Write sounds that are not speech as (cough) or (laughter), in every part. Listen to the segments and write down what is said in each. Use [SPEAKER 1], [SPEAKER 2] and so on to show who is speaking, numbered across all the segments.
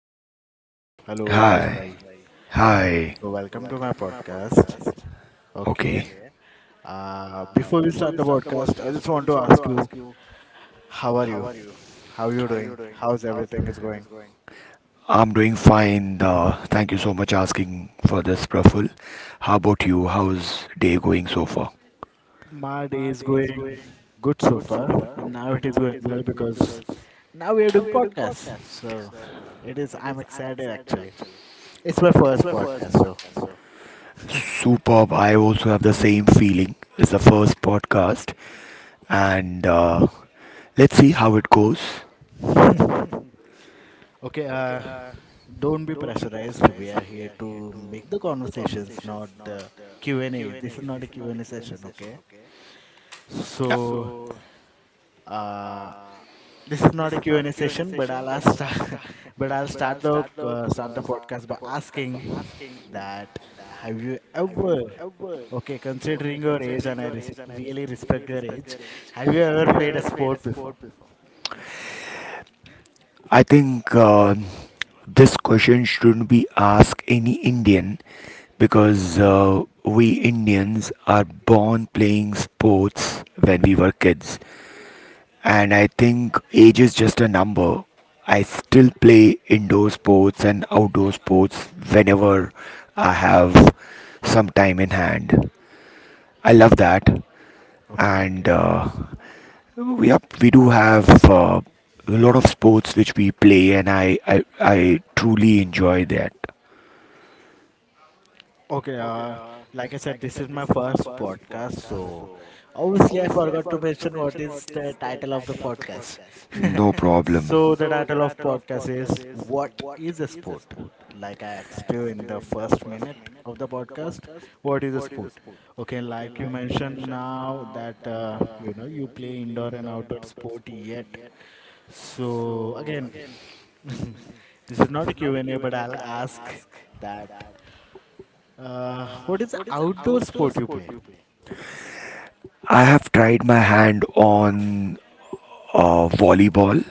[SPEAKER 1] hello. Hello,
[SPEAKER 2] Hi.
[SPEAKER 1] Rajbhai.
[SPEAKER 2] Hi.
[SPEAKER 1] So, welcome to my podcast. Okay.
[SPEAKER 2] Okay.
[SPEAKER 1] Before we start the podcast, I just want to ask you, how are you? How are you doing? How's everything is going?
[SPEAKER 2] I'm doing fine. Thank you so much asking for this, Praful. How about you? How's day going so far?
[SPEAKER 1] My day is going good so far, and now it is going well because now we are doing podcasts. So, it is. I'm excited actually. It's my first podcast,
[SPEAKER 2] Superb. I also have the same feeling. It's the first podcast, and let's see how it goes.
[SPEAKER 1] so. (laughs) Okay, don't be pressurized. We are here to make the conversations, not the Q&A. This is not a Q&A session, okay? So, uh, this is not a Q&A session, but I'll ask, (laughs) but I'll start the podcast by asking that have you ever, okay, considering your age, and I res really respect your age, have you ever played a sport before?
[SPEAKER 2] I think this question shouldn't be asked any Indian because we Indians are born playing sports when we were kids. And I think age is just a number. I still play indoor sports and outdoor sports whenever I have some time in hand. I love that,
[SPEAKER 1] Okay,
[SPEAKER 2] and we do have a lot of sports which we play, and I truly enjoy that.
[SPEAKER 1] Okay, uh, like I said, this is my first podcast, so obviously I forgot to mention what is the title of the podcast. (laughs)
[SPEAKER 2] No problem.
[SPEAKER 1] So the title of podcast is What is a Sport? Like I asked you in the first minute of the podcast, what is a sport? Okay, like you mentioned now that you know you play indoor and outdoor sport yet. So again, (laughs) this is not a Q and a but I'll ask that what is the outdoor sport you play?
[SPEAKER 2] I have tried my hand on volleyball.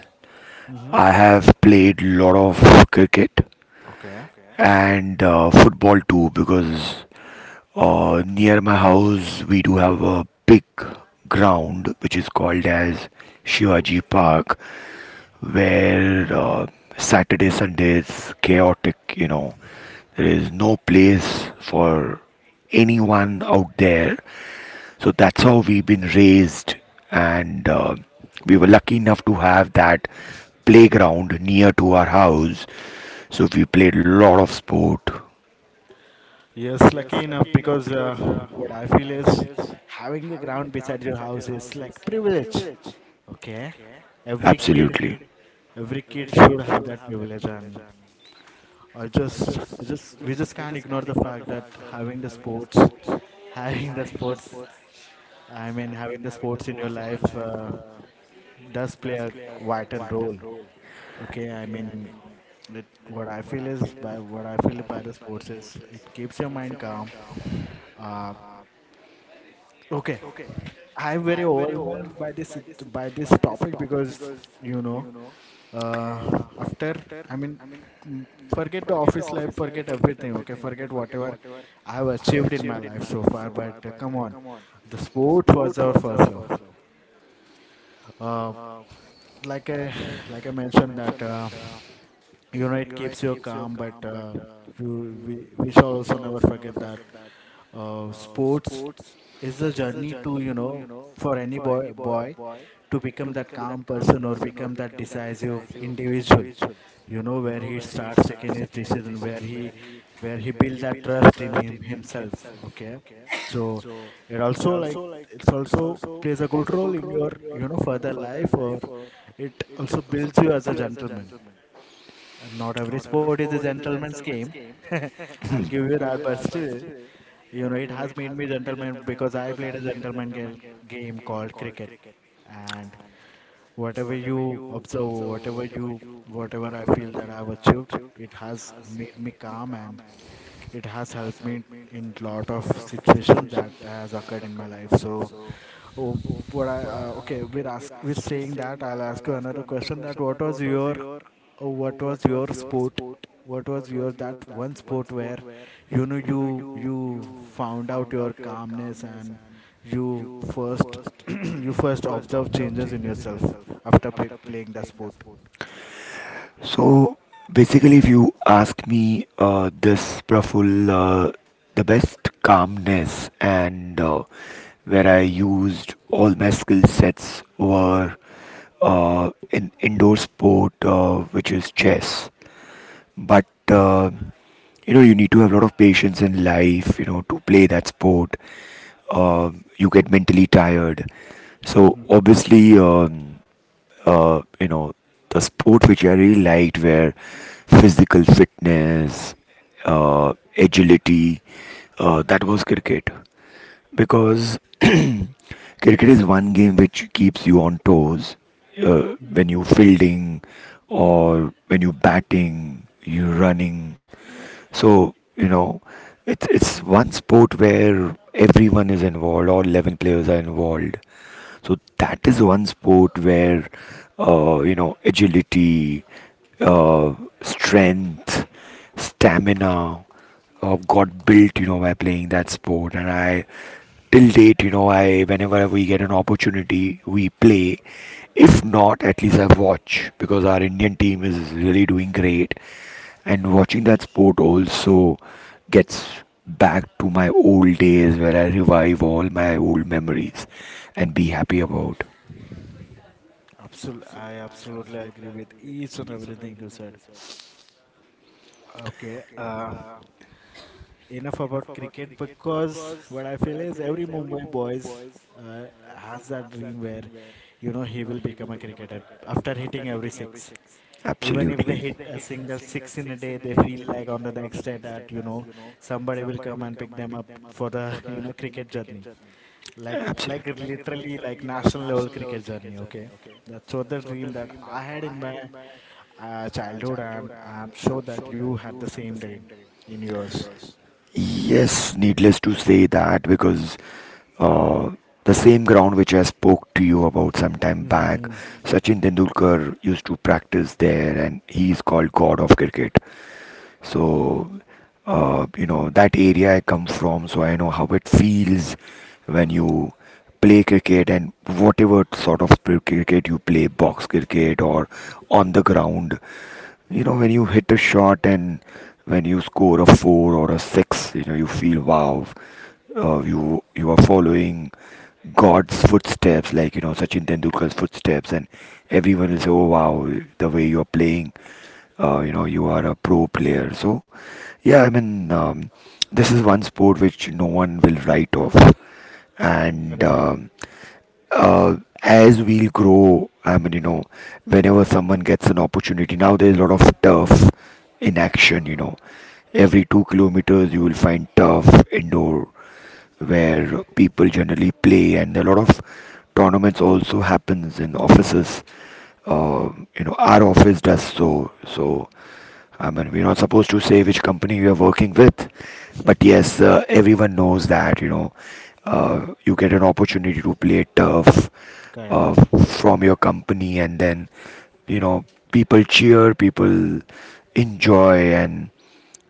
[SPEAKER 1] Hmm.
[SPEAKER 2] I have played lot of cricket.
[SPEAKER 1] Okay.
[SPEAKER 2] And football too because near my house we do have a big ground which is called as Shivaji Park, where Saturday Sunday is chaotic, you know, there is no place for anyone out there, so that's how we've been raised, and we were lucky enough to have that playground near to our house, so we played a lot of sport.
[SPEAKER 1] Yes, lucky enough because what I feel is having the ground beside your house is like privilege. Okay. Every kid,
[SPEAKER 2] Absolutely.
[SPEAKER 1] every kid should have that privilege, and we just can't ignore the fact that having the sports, (laughs) having the sports, I mean, having the sports in your life does play a vital role. Okay. I mean, what I feel is by what I feel by the sports is it keeps your mind calm. Uh, okay, I'm very overwhelmed by this topic because you know uh, after I mean mm, forget the office life, forget everything. Okay, forget whatever I've achieved in my life so far. But come on, the sport was our first love. Uh, like I like I mentioned that you know it keeps you calm, but we shall also never forget that sports is a journey to you know for any boy to become that calm person or become that decisive individual you know where he starts taking his decision where he build that trust in himself, okay? So it also like it's also plays a good role in your you know further life, or it also builds you as a gentleman, and not every sport is a gentleman's game. (laughs) I'll give you that, but still, you know, it has made me gentleman because I played a gentleman game called cricket, and whatever you observe, whatever I feel that I've achieved, it has made me calm and it has helped me in lot of situations that has occurred in my life. So oh, what I we're saying that I'll ask you another question that what was your sport? What was your that one sport where you know you found out your calmness and you first (clears throat) you first observe changes in yourself after p playing that sport.
[SPEAKER 2] So basically, if you ask me, this Praful, the best calmness and where I used all my skill sets were in indoor sport, which is chess. But you know you need to have a lot of patience in life, you know, to play that sport. uh, you get mentally tired, so
[SPEAKER 1] Mm-hmm.
[SPEAKER 2] obviously you know the sport which I really liked were physical fitness, agility, that was cricket because (clears throat) cricket is one game which keeps you on toes, when
[SPEAKER 1] Mm-hmm.
[SPEAKER 2] you fielding or when you batting you running. So you know it's one sport where everyone is involved, all 11 players are involved. So that is one sport where you know agility, uh, strength, stamina got built. You know, by playing that sport, and I till date, you know, I whenever we get an opportunity we play. If not, at least I watch because our Indian team is really doing great, and watching that sport also gets back to my old days where I revive all my old memories and be happy about.
[SPEAKER 1] Absol I absolutely agree with each and everything you said. Okay. Enough about cricket because what I feel is every Mumbai boys has that dream where you know he will become a cricketer after hitting every six. Even if they
[SPEAKER 2] Absolutely.
[SPEAKER 1] hit a single six in a day, they feel like on the next day that you know somebody will come and pick them up for the (laughs) you know cricket journey, like
[SPEAKER 2] Absolutely.
[SPEAKER 1] literally like national level cricket journey. Okay, that's what the dream that I had in my childhood, and I'm sure that you had the same dream in yours.
[SPEAKER 2] Yes, needless to say that, because uh, the same ground which I spoke to you about some time back,
[SPEAKER 1] Mm-hmm.
[SPEAKER 2] Sachin Tendulkar used to practice there, and he is called God of Cricket. So, you know, that area I come from, so I know how it feels when you play cricket and whatever sort of cricket you play, box cricket or on the ground. You know, when you hit a shot and when you score a four or a six, you know, you feel wow, you you are following God's footsteps, like you know, Sachin Tendulkar's footsteps, and everyone will say, "Oh wow, the way you are playing." You know you are a pro player. So yeah, I mean, this is one sport which no one will write off, and uh, as we'll grow, I mean, you know, whenever someone gets an opportunity, now there's a lot of turf in action, you know, every 2 km you will find turf indoor, where people generally play, and a lot of tournaments also happens in offices. uh, you know, our office does. So, I mean, we're not supposed to say which company you are working with, but yes, everyone knows that, you know, you get an opportunity to play turf
[SPEAKER 1] Correct.
[SPEAKER 2] uh, from your company, and then, you know, people cheer, people enjoy, and,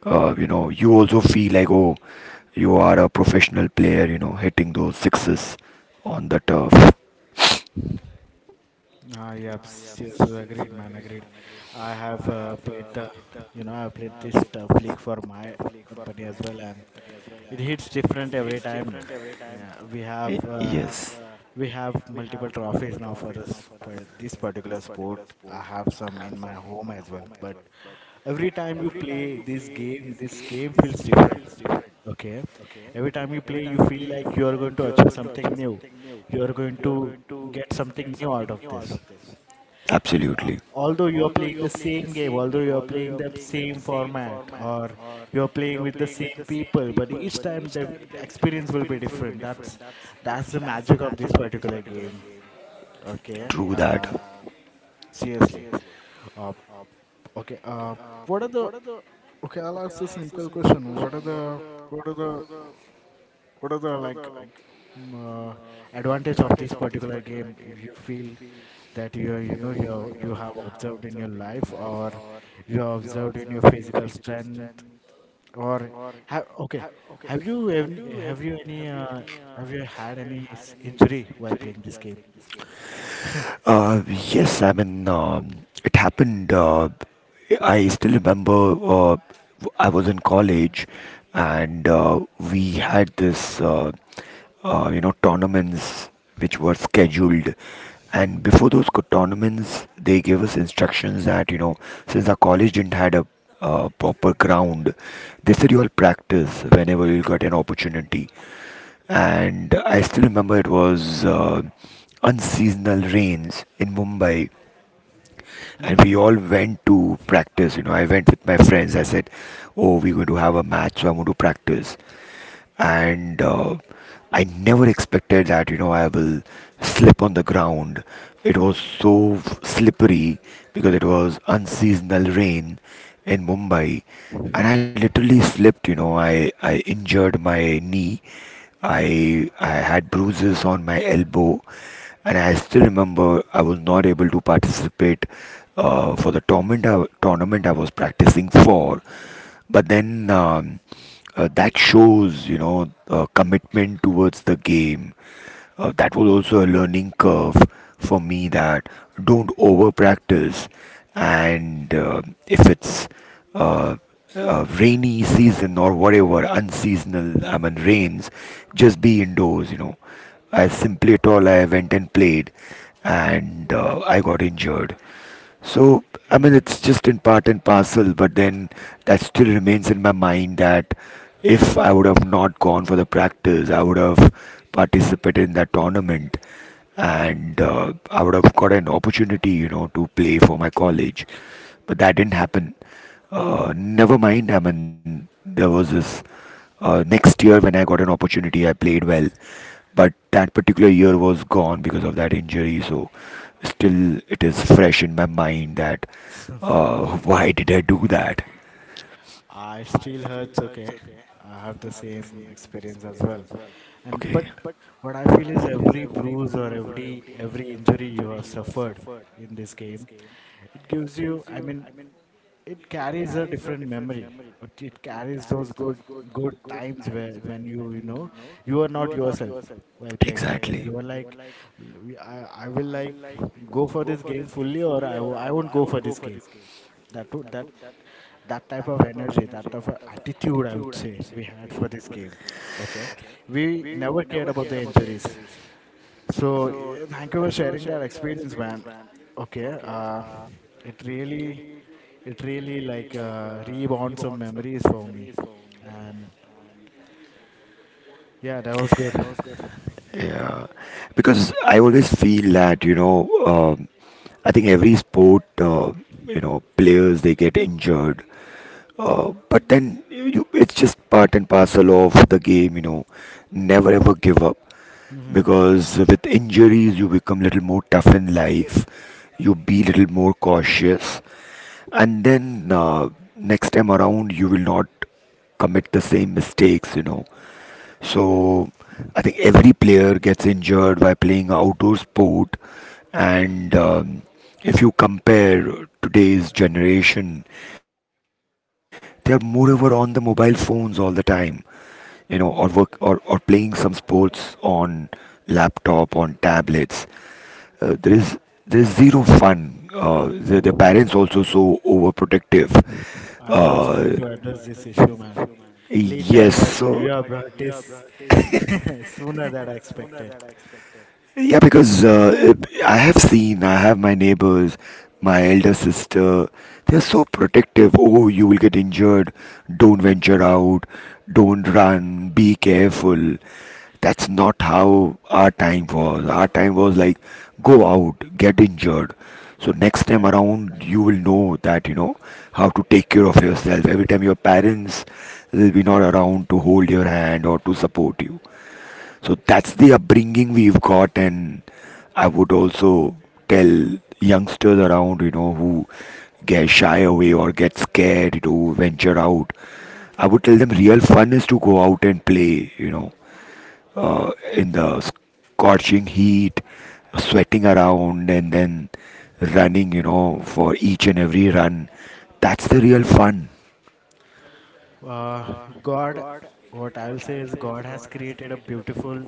[SPEAKER 2] you know, you also feel like, oh, you are a professional player, you know, hitting those sixes on the turf.
[SPEAKER 1] Ah, yes, yes, agreed, man, agreed. I have you know, I have played this flick for my company as well, and it hits different every time, man. Yeah, we have uh,
[SPEAKER 2] Yes,
[SPEAKER 1] we have multiple trophies now for this particular sport. I have some in my home as well, but every time you play this game feels different. Okay, every time you play, you feel like you are going to achieve something new. You are going to get something new out of this. uh,
[SPEAKER 2] absolutely.
[SPEAKER 1] although you are playing the same game, although you are playing the same format, or you are playing with the same people, but each time the experience will be different. That's the magic of this particular game. Okay,
[SPEAKER 2] True that.
[SPEAKER 1] seriously. Uh, okay. Uh, what are the okay? I'll ask a simple question. What are the what are the what are the like uh, advantage of this particular game if you feel that you know you have observed in your life, or you have observed in your physical strength, or have okay have you any, have you any have you had any injury while playing this game? (laughs)
[SPEAKER 2] Yes, I mean, it happened. I still remember I was in college, and we had this, you know, tournaments which were scheduled. And
[SPEAKER 1] Mhm,
[SPEAKER 2] before those tournaments, they gave us instructions that, you know, since our college didn't had a proper ground, they said you all practice whenever you got an opportunity, and I still remember it was unseasonal rains in Mumbai, and we
[SPEAKER 1] mhm,
[SPEAKER 2] all went to practice. You know, I went with my friends. I said, "Oh, we're going to have a match, so I'm going to practice." And I never expected that. You know, I will slip on the ground. It was so slippery because it was unseasonal rain in Mumbai, and I literally slipped. You know, I injured my knee. I had bruises on my elbow, and I still remember I was not able to participate for the tournament I was practicing for. But then that shows, you know, commitment towards the game. That was also a learning curve for me that don't over practice, and if it's uh, rainy season or whatever unseasonal I mean rains, just be indoors, you know, as simply at all I went and played, and I got injured. So, I mean,
[SPEAKER 1] mm.
[SPEAKER 2] it's just in part and parcel, but then that still remains in my mind that if I would have not gone for the practice, I would have participated in that tournament, and I would have got an opportunity, you know, to play for my college. But that didn't happen. Never mind, I mean, there was this next year when I got an opportunity, I played well, but that particular year was gone because of that injury. So still, it is fresh in my mind that
[SPEAKER 1] (laughs)
[SPEAKER 2] why did I do that?
[SPEAKER 1] I still hurts, okay? I have the same experience as well, and but
[SPEAKER 2] Okay,
[SPEAKER 1] what I feel is every bruise or every injury you have suffered in this game, it gives you. I mean, it carries a different memory. It carries those good times where when you know you are not yourself while playing that game.
[SPEAKER 2] exactly.
[SPEAKER 1] You are like, "L- I, I will like go for this game fully, or I won't go for this game. That would that type of energy, that type of attitude, I would say we had for this game." Okay, we never cared about the injuries, so yeah, thank you for sharing that experience, man. Okay, it really, it really like reborn some memories for me, and yeah, that was good. (laughs)
[SPEAKER 2] Yeah, because I always feel that, you know, I think every sport, you know, players they get injured. But then you, it's just part and parcel of the game, you know. Never ever give up
[SPEAKER 1] Mhm.
[SPEAKER 2] because with injuries you become little more tough in life. You be little more cautious, and then next time around you will not commit the same mistakes, you know. So I think every player gets injured by playing outdoor sport, and if you compare today's generation, they are moreover on the mobile phones all the time, you know, or work or playing some sports on laptop on tablets. Uh, there is there is zero fun. Their parents also so overprotective.
[SPEAKER 1] I was going to
[SPEAKER 2] Uh,
[SPEAKER 1] address this issue, man, later,
[SPEAKER 2] Yes,
[SPEAKER 1] but you
[SPEAKER 2] so
[SPEAKER 1] have brought
[SPEAKER 2] (laughs)
[SPEAKER 1] this (laughs) sooner than I expected.
[SPEAKER 2] Yeah, because I have seen, I have my neighbors, my elder sister, they're so protective. Oh, you will get injured. Don't venture out. Don't run. Be careful. That's not how our time was. Our time was like, go out, get injured. So next time
[SPEAKER 1] Exactly.
[SPEAKER 2] around, you will know that, you know, how to take care of yourself. Every time your parents will be not around to hold your hand or to support you. So that's the upbringing we've got, and I would also tell youngsters around, you know, who get shy away or get scared to venture out. I would tell them real fun is to go out and play, you know, in the scorching heat, sweating around, and then running, you know, for each and every run. That's the real fun.
[SPEAKER 1] Uh, God, what I'll say is, God has created a beautiful,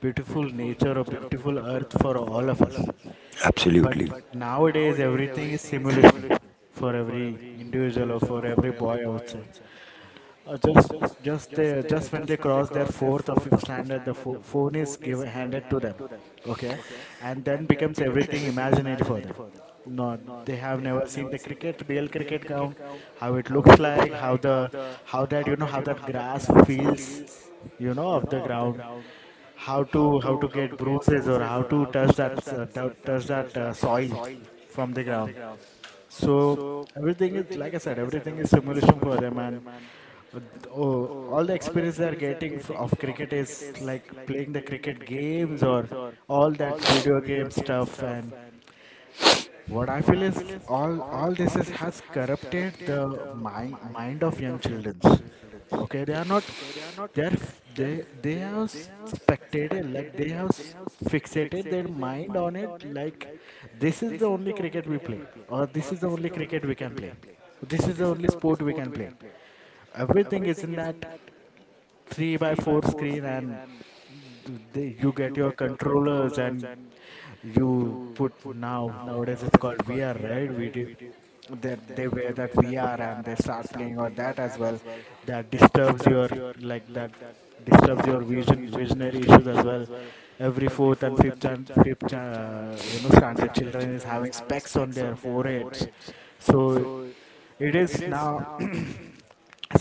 [SPEAKER 1] beautiful nature, a beautiful earth for all of us. But
[SPEAKER 2] Absolutely.
[SPEAKER 1] nowadays, everything is simulation for
[SPEAKER 2] (coughs)
[SPEAKER 1] every individual or for every boy, I would say. Uh, just just they just when they cross their fourth or fifth standard, the phone is given handed to them, okay, and then becomes everything imaginary for them. No, they have never seen the cricket, real cricket ground, how it looks like, how that you know how that grass feels, you know, of the ground, how to get bruises or how to touch that touch that soil from the ground. So everything is like I said, everything is simulation for them and. All the experience they are getting of cricket is like playing the cricket games or all that video game stuff. And what I feel is all this is has corrupted the mind of young children. Okay, they are not they they have spectated, like they have fixated their mind on it, like this is the only cricket we play, or this is the only cricket we can play, this is the only sport we can play. Everything is in that three by four screen, and they, you get your controllers, and you put now nowadays it's called VR, right? Video that they wear that VR and they start playing on that as well. That disturbs your like that disturbs your vision visionary issues as well. Every fourth and fifth you know standard children is having specs on their foreheads. So it is now (clears throat)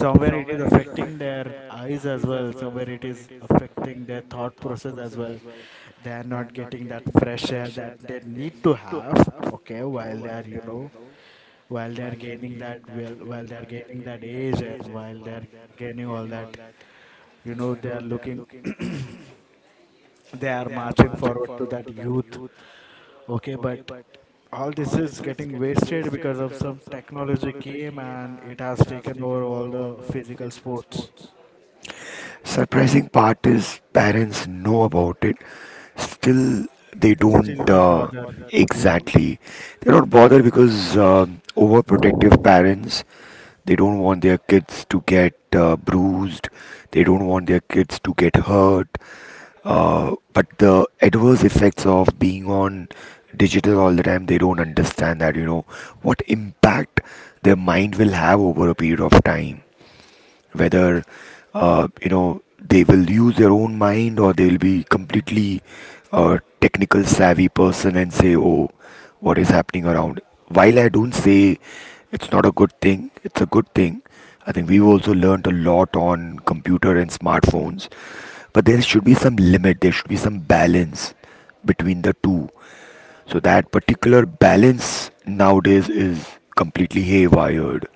[SPEAKER 1] somewhere it is affecting their eyes as well, somewhere it is affecting their thought process as well. They are not getting that fresh air that they need to have, okay, while they are you know while they are gaining that age, and while they are gaining all that you know they are looking (coughs) (clears throat) they are marching forward to that youth, okay, but all this is getting wasted because of some technology came and it has taken over all the physical sports.
[SPEAKER 2] Surprising part is parents know about it, still they
[SPEAKER 1] They still
[SPEAKER 2] don't
[SPEAKER 1] not bother to you know.
[SPEAKER 2] exactly. They don't bother because overprotective parents they don't want their kids to get bruised. They don't want their kids to get hurt. But the adverse effects of being on digital all the time, they don't understand that, you know, what impact their mind will have over a period of time, whether you know they will use their own mind, or they'll be completely technical savvy person and say, oh, what is happening around. While I don't say it's not a good thing, it's a good thing. I think we've also learned a lot on computer and smartphones, but there should be some limit, there should be some balance between the two. So that particular balance nowadays is completely haywired.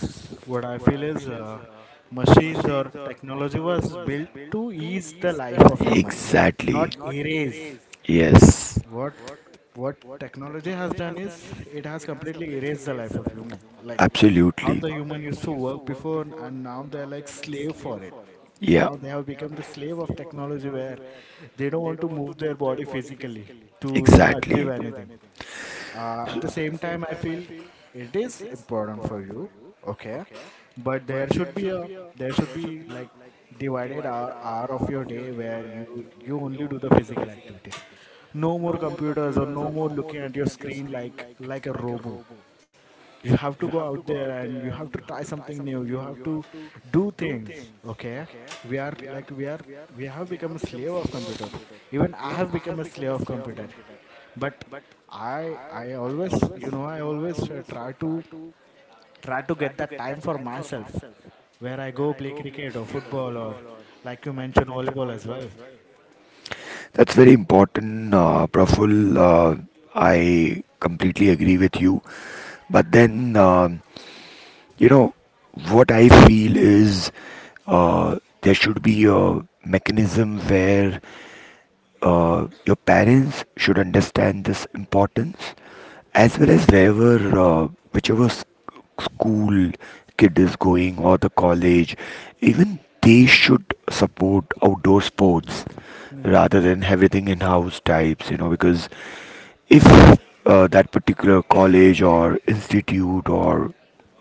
[SPEAKER 1] What I feel is machines or technology was built to ease the life of human,
[SPEAKER 2] Exactly.
[SPEAKER 1] not erase.
[SPEAKER 2] Yes.
[SPEAKER 1] what what technology has done is it has completely erased the life of human, like how
[SPEAKER 2] Absolutely.
[SPEAKER 1] the human used to work before, and now they're like slave for it.
[SPEAKER 2] Yeah.
[SPEAKER 1] Now they have become the slave of technology where they don't want to move their body physically to you know achieve
[SPEAKER 2] Exactly.
[SPEAKER 1] anything. At the same time I feel it is important for you, okay, but there should Be like divided hour, hour of your day where you only do the physical activities. No more computers or no more looking at your screen like a robo. You have to go out there and you have to try something new. You have to do things, okay? we are like we are We have become a slave of computer. Even I have become a slave of computer. But I always, I always try to try to get that time for myself, where I go play cricket or football, or like you mentioned, volleyball as well.
[SPEAKER 2] That's very important, Praful. Uh, I completely agree with you. But then, um, you know, what I feel is there should be a mechanism where your parents should understand this importance, as well as wherever whichever school kid is going or the college, even they should support outdoor sports
[SPEAKER 1] Hmm.
[SPEAKER 2] rather than everything in house types, you know, because if that particular college or institute or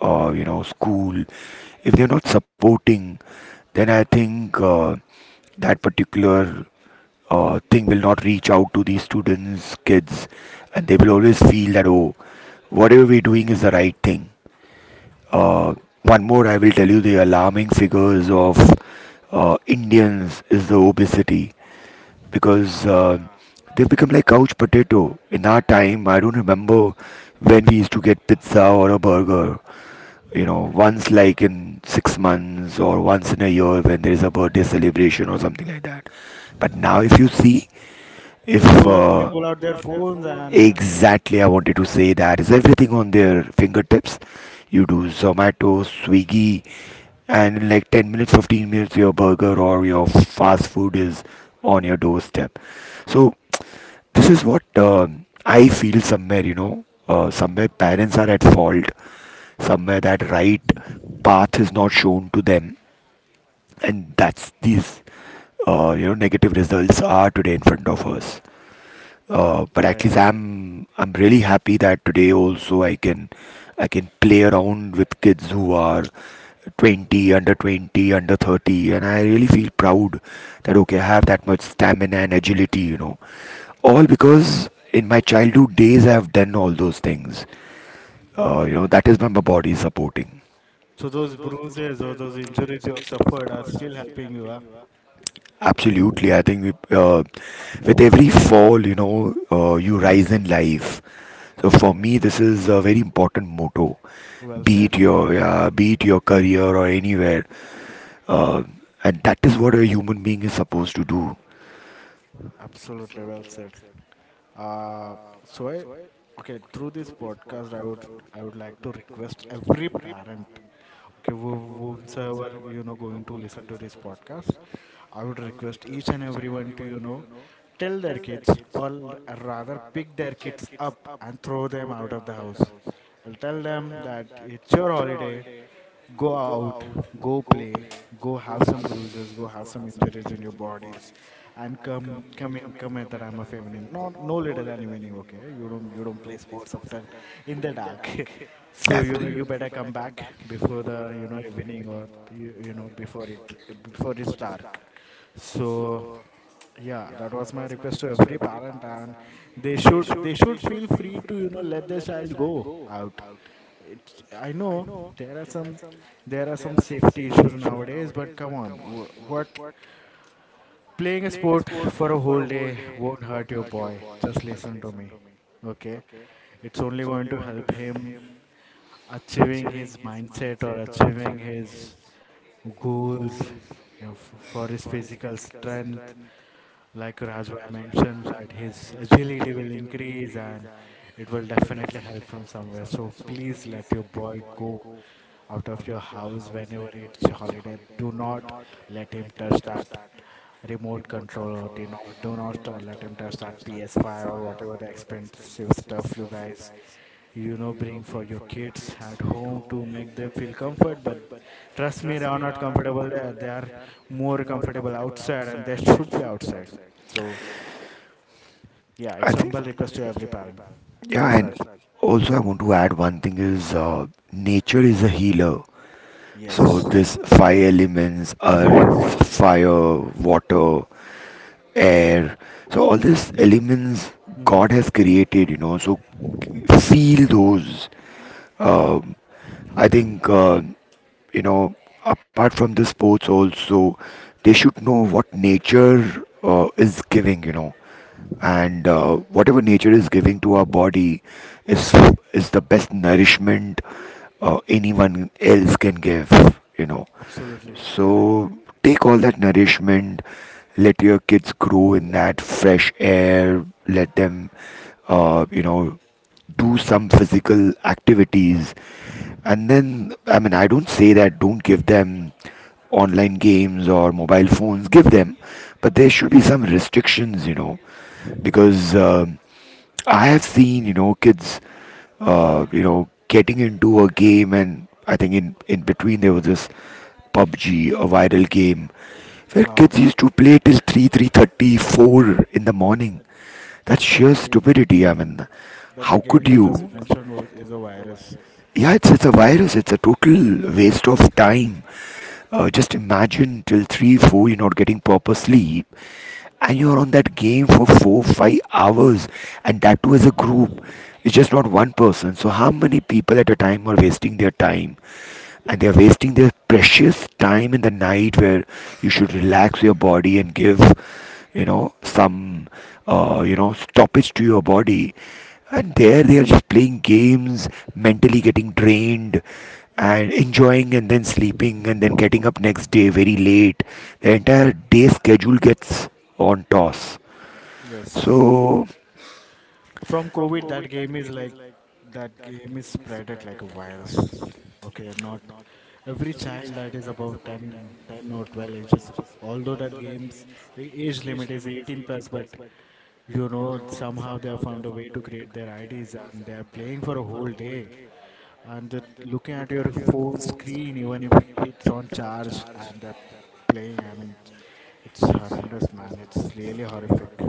[SPEAKER 2] you know school, if they're not supporting, then I think that particular thing will not reach out to these students, kids, and they will always feel that, oh, whatever we're doing is the right thing. Uh, one more, I will tell you the alarming figures of Indians is the obesity because
[SPEAKER 1] Yeah,
[SPEAKER 2] they've become like couch potato. In our time, I don't remember when we used to get pizza or a burger. You know, once like in 6 months or once in a year when there is a birthday celebration or something like that. But now, if you see, if
[SPEAKER 1] they pull they pull out their phones and
[SPEAKER 2] exactly, I wanted to say that is everything on their fingertips. You do Zomato, Swiggy, and in like 10 minutes, 15 minutes, your burger or your fast food is on your doorstep. So this is what I feel somewhere, somewhere parents are at fault, somewhere that right path is not shown to them, and that's these negative results are today in front of us, but at least
[SPEAKER 1] I
[SPEAKER 2] I'm really happy that today also I can play around with kids who are 20, under
[SPEAKER 1] exactly.
[SPEAKER 2] 20, under 30, and I really feel proud that okay, I have that much stamina and agility, all because in my childhood days I have done all those things, you know, that is my body supporting.
[SPEAKER 1] So those bruises or those injuries you have suffered are still helping you, huh?
[SPEAKER 2] Absolutely. I think with every fall, you know, you rise in life. So for
[SPEAKER 1] Correct.
[SPEAKER 2] me, this is a very important motto.
[SPEAKER 1] Well
[SPEAKER 2] Be
[SPEAKER 1] said,
[SPEAKER 2] it your,
[SPEAKER 1] man.
[SPEAKER 2] uh, be it your career or anywhere, uh, and that is what a human being is supposed to do.
[SPEAKER 1] Absolutely well said. Uh, so I, okay, through this podcast, I would like to request every parent, okay, who whomsoever, going to listen to this podcast. I would request each and everyone to, tell their kids or rather pick their kids up and throw them out of the house. I'll tell them that it's your holiday. Go out, go play, go have some bruises, go have some injuries in your bodies, and come at the time of evening. No, no later than evening, okay? You don't play sports after in the dark. (laughs) So, you better come back before the, evening, or you know before it, before it's dark. So yeah, that was my request to every parent, and they should feel free to, let their child go out. It's, I know there are some, there are some safety issues nowadays, but come on, what, playing a sport for a whole day won't hurt your boy. Just listen to me, okay? It's only going to help him achieving his mindset or achieving his goals, for his physical strength. Like Rajbhai mentioned, that his agility will increase and it will definitely help him somewhere. So please let your boy go out of your house whenever it's holiday. Do not let him touch that remote control, or do not let him touch that PS5 or whatever the expensive stuff you guys, bring for your kids at home to make them feel comfort. But trust me, they are not comfortable there. They are more comfortable outside, and they should be outside. So yeah,
[SPEAKER 2] I
[SPEAKER 1] it's
[SPEAKER 2] think.
[SPEAKER 1] humble request to every parent.
[SPEAKER 2] Yeah,
[SPEAKER 1] Yes,
[SPEAKER 2] and
[SPEAKER 1] Raj.
[SPEAKER 2] also I want to add one thing is, nature is a healer. So
[SPEAKER 1] Yes.
[SPEAKER 2] this fire elements, earth, fire, water, air. So all these elements God
[SPEAKER 1] Hmm.
[SPEAKER 2] has created, you know. So feel those, um, I think, you know, apart from the sports, also they should know what nature is giving. You know, and whatever nature is giving to our body is is the best nourishment anyone else can give. You know,
[SPEAKER 1] Absolutely correct.
[SPEAKER 2] so take all that nourishment. Let your kids grow in that fresh air. Let them, you know, do some physical activities, and then I mean, I don't say that don't give them online games or mobile phones, give them, but there should be some restrictions, because I have seen, you know, kids getting into a game. And I think in between, there was this PUBG, a viral game where
[SPEAKER 1] Wow.
[SPEAKER 2] kids used to play till 3 3:30, four in the morning. That's sheer
[SPEAKER 1] That,
[SPEAKER 2] stupidity. I mean,
[SPEAKER 1] that the
[SPEAKER 2] how
[SPEAKER 1] game
[SPEAKER 2] could
[SPEAKER 1] you
[SPEAKER 2] you?
[SPEAKER 1] just mentioned was, is a virus.
[SPEAKER 2] Yeah, it's a virus. It's a total waste of time. Just imagine, till three, four, you're not getting proper sleep, and you're on that game for four, 5 hours, and that too as a group. It's just not one person. So how many people at a time are wasting their time? And they're wasting their precious time in the night, where you should relax your body and give, you know, some stoppage to your body, and there they are just playing games, mentally getting drained and enjoying and then sleeping and then getting up next day very late. The entire day schedule gets on toss.
[SPEAKER 1] Yes.
[SPEAKER 2] so
[SPEAKER 1] From COVID, that game is like, that game is spreaded like a virus. Okay, not every child that is above 10, 10 or 12 ages. Although that game's age limit is 18 plus, but you know, somehow they have found a way to create their IDs and they are playing for a whole day. And that looking at your phone screen, even if it's on charge and they're playing, I mean, it's horrendous, man. It's really horrific.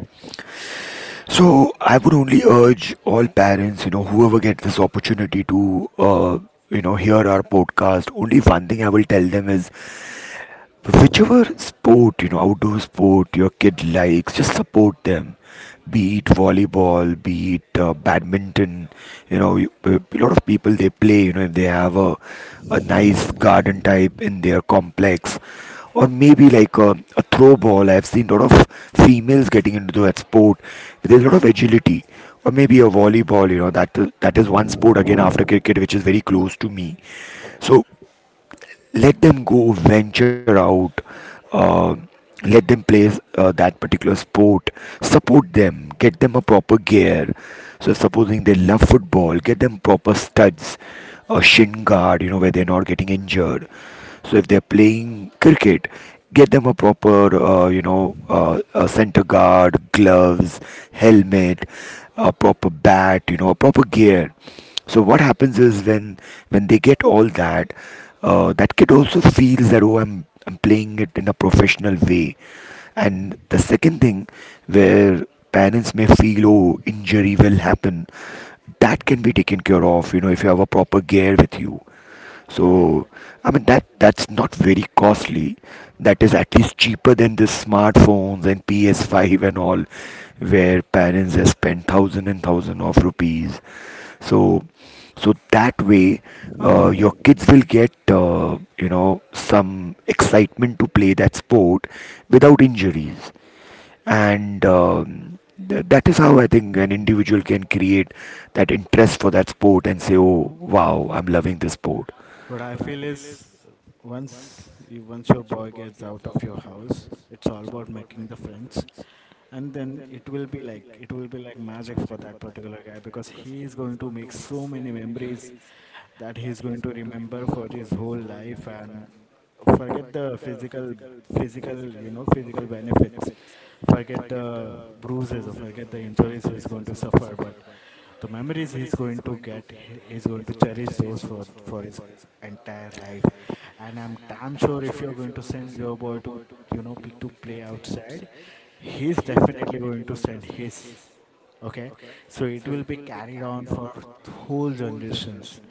[SPEAKER 2] So I would only urge all parents, you know, whoever gets this opportunity to, hear our podcast. Only one thing I will tell them is, whichever sport, outdoor sport your kid likes, just support them. Be it volleyball, be it badminton. You know, a lot of people, they play, you know, if they have a nice garden type in their complex, or maybe like a throw ball. I've seen a lot of females getting into that sport. There's a lot of agility, or maybe a volleyball. You know, that is one sport again after cricket, which is very close to me. So let them go venture out, uh, let them play that particular sport. Support them, get them a proper gear. So supposing they love football, get them proper studs, a shin guard, you know, where they're not getting injured. So if they're playing cricket, get them a proper a center guard, gloves, helmet, a proper bat, you know, a proper gear. So what happens is, when they get all that, that kid also feels that oh, I'm playing it in a professional way. And the second thing, where parents may feel oh, injury will happen, that can be taken care of. You know, if you have a proper gear with you,
[SPEAKER 1] Correct.
[SPEAKER 2] so, I mean that's not very costly. That is at least cheaper than the smartphones and PS5 and all, where parents have spent thousand and thousand of rupees. So, so that way, your kids will get, some excitement to play that sport without injuries, and that is how I think an individual can create that interest for that sport and say, "Oh, wow, I'm loving this sport."
[SPEAKER 1] What I feel is, once once your boy gets out of your house, it's all about making the friends. And then it will be like magic for that particular guy, because he is going to make so many memories that he's going to remember for his whole life. And forget the physical, physical benefits. Forget the bruises or forget the injuries he's going to suffer, but the memories he's going to get, he is going to cherish those for his entire life. And I'm damn sure, if you're going to send your boy to, to play outside, he's definitely going to send his. Okay, so it will be carried on for whole generations.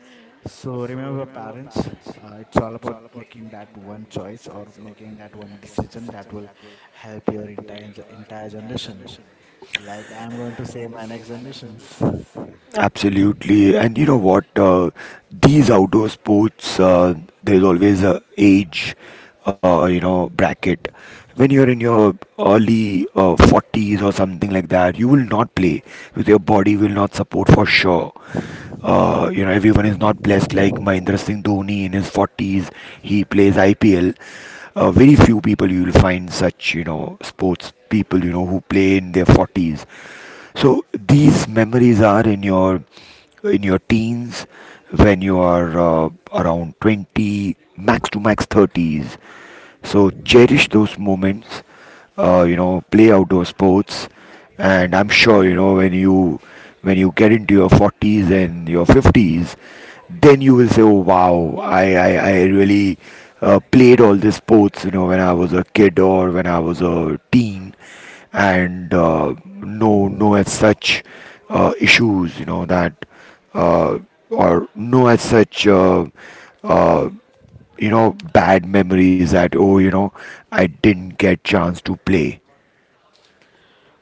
[SPEAKER 1] So remember, parents, it's all about making that one choice or making that one decision that will help your entire generation. Like I'm going to say my next generations. (laughs)
[SPEAKER 2] Absolutely, and you know what? These outdoor sports, there's always a age, bracket. When you're in your early 40s or something like that, you will not play, because your body will not support for sure. Everyone is not blessed like Mahindra Singh Dhoni in his 40s. He plays IPL. Very few people you will find such, you know, sports people, you know, who play in their 40s. So these memories are in your teens when you are, around 20 max to max 30s, so cherish those moments. You know, play outdoor sports, and I'm sure, you know, when you get into your 40s and your 50s, then you will say, "Oh wow, I really played all these sports." You know, when I was a kid or when I was a teen, and no as such issues. You know that uh, or no as such. Uh, bad memories that oh, you know, I didn't get chance to play.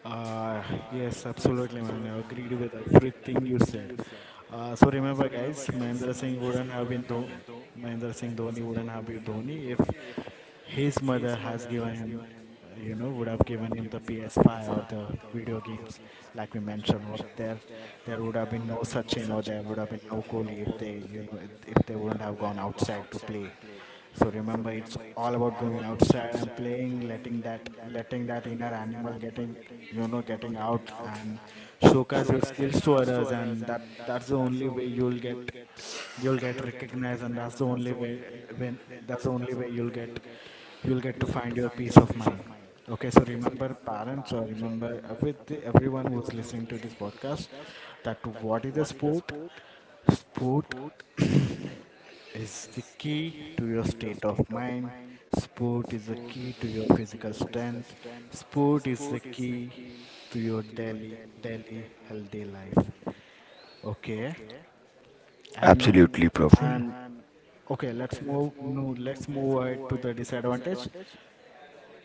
[SPEAKER 1] Uh, yes, absolutely, man. I agreed with everything you said. So remember, guys, Mahendra Singh Dhoni wouldn't have been Dhoni if his mother has given him, would have given him the PS5 or the video games, like we mentioned. Or there would have been no Sachin, or there would have been no Kohli if they, if they wouldn't have gone outside to play. So remember, it's all about going outside and playing, letting that inner animal getting, getting out, and showcase your skills to others, and that's the only way you'll get recognized. And that's the only way when that's the only way you'll get to find your peace of mind. Okay, so remember, parents, or remember, with everyone who's listening to this podcast, that what is a sport? Sport (clears throat) is the key to your state of mind. Sport is the key to your physical strength. Sport is the key to your daily, daily healthy life. Okay, and
[SPEAKER 2] Absolutely. Mm. Praful.
[SPEAKER 1] and okay, let's move. No, Let's move ahead to the disadvantage.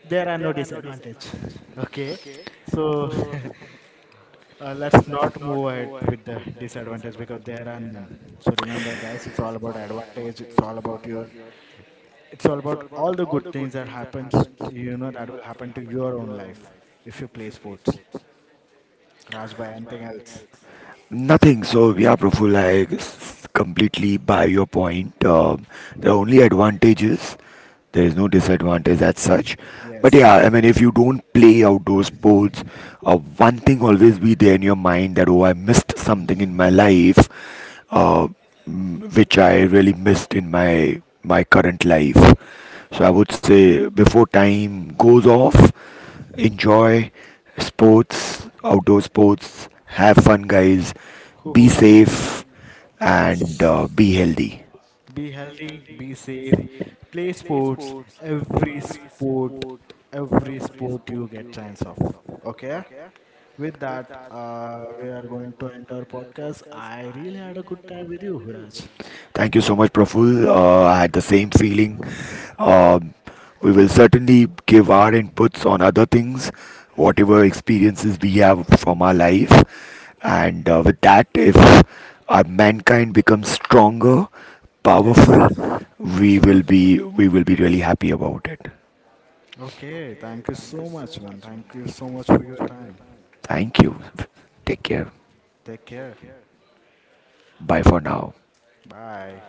[SPEAKER 1] There are no disadvantage. (laughs) Okay, so (laughs) let's not move ahead with the disadvantage because there are none. So remember, guys, it's all about advantage. It's all about your it's all about all the good things that happens to, that will happen to your own life if you play sports. Raj, by anything else?
[SPEAKER 2] Nothing. So yeah, Praful, I completely buy your point. There are only advantages. There is no disadvantage as such. But
[SPEAKER 1] Yes.
[SPEAKER 2] yeah, I mean, if you don't play outdoor sports, one thing always be there in your mind that oh, I missed something in my life, uh, which I really missed in my current life. So I would say, before time goes off, enjoy sports, outdoor sports, have fun, guys, be
[SPEAKER 1] Hoo-hoo.
[SPEAKER 2] safe, and
[SPEAKER 1] Just
[SPEAKER 2] be healthy.
[SPEAKER 1] be healthy, be safe, play sports, every sport, every sport you get chance of, okay? With that, we are going to end our podcast. I really had a good time with you, Raj.
[SPEAKER 2] Thank you so much, Praful. I had the same feeling. Um, we will certainly give our inputs on other things, whatever experiences we have from our life. And with that, if our mankind becomes stronger,
[SPEAKER 1] Yes,
[SPEAKER 2] powerful, we will
[SPEAKER 1] absolutely.
[SPEAKER 2] be we will be really happy about it.
[SPEAKER 1] Okay, thank you so much, man. Thank you so much for your time.
[SPEAKER 2] Thank you. Take care.
[SPEAKER 1] Take care.
[SPEAKER 2] Bye for now.
[SPEAKER 1] Bye.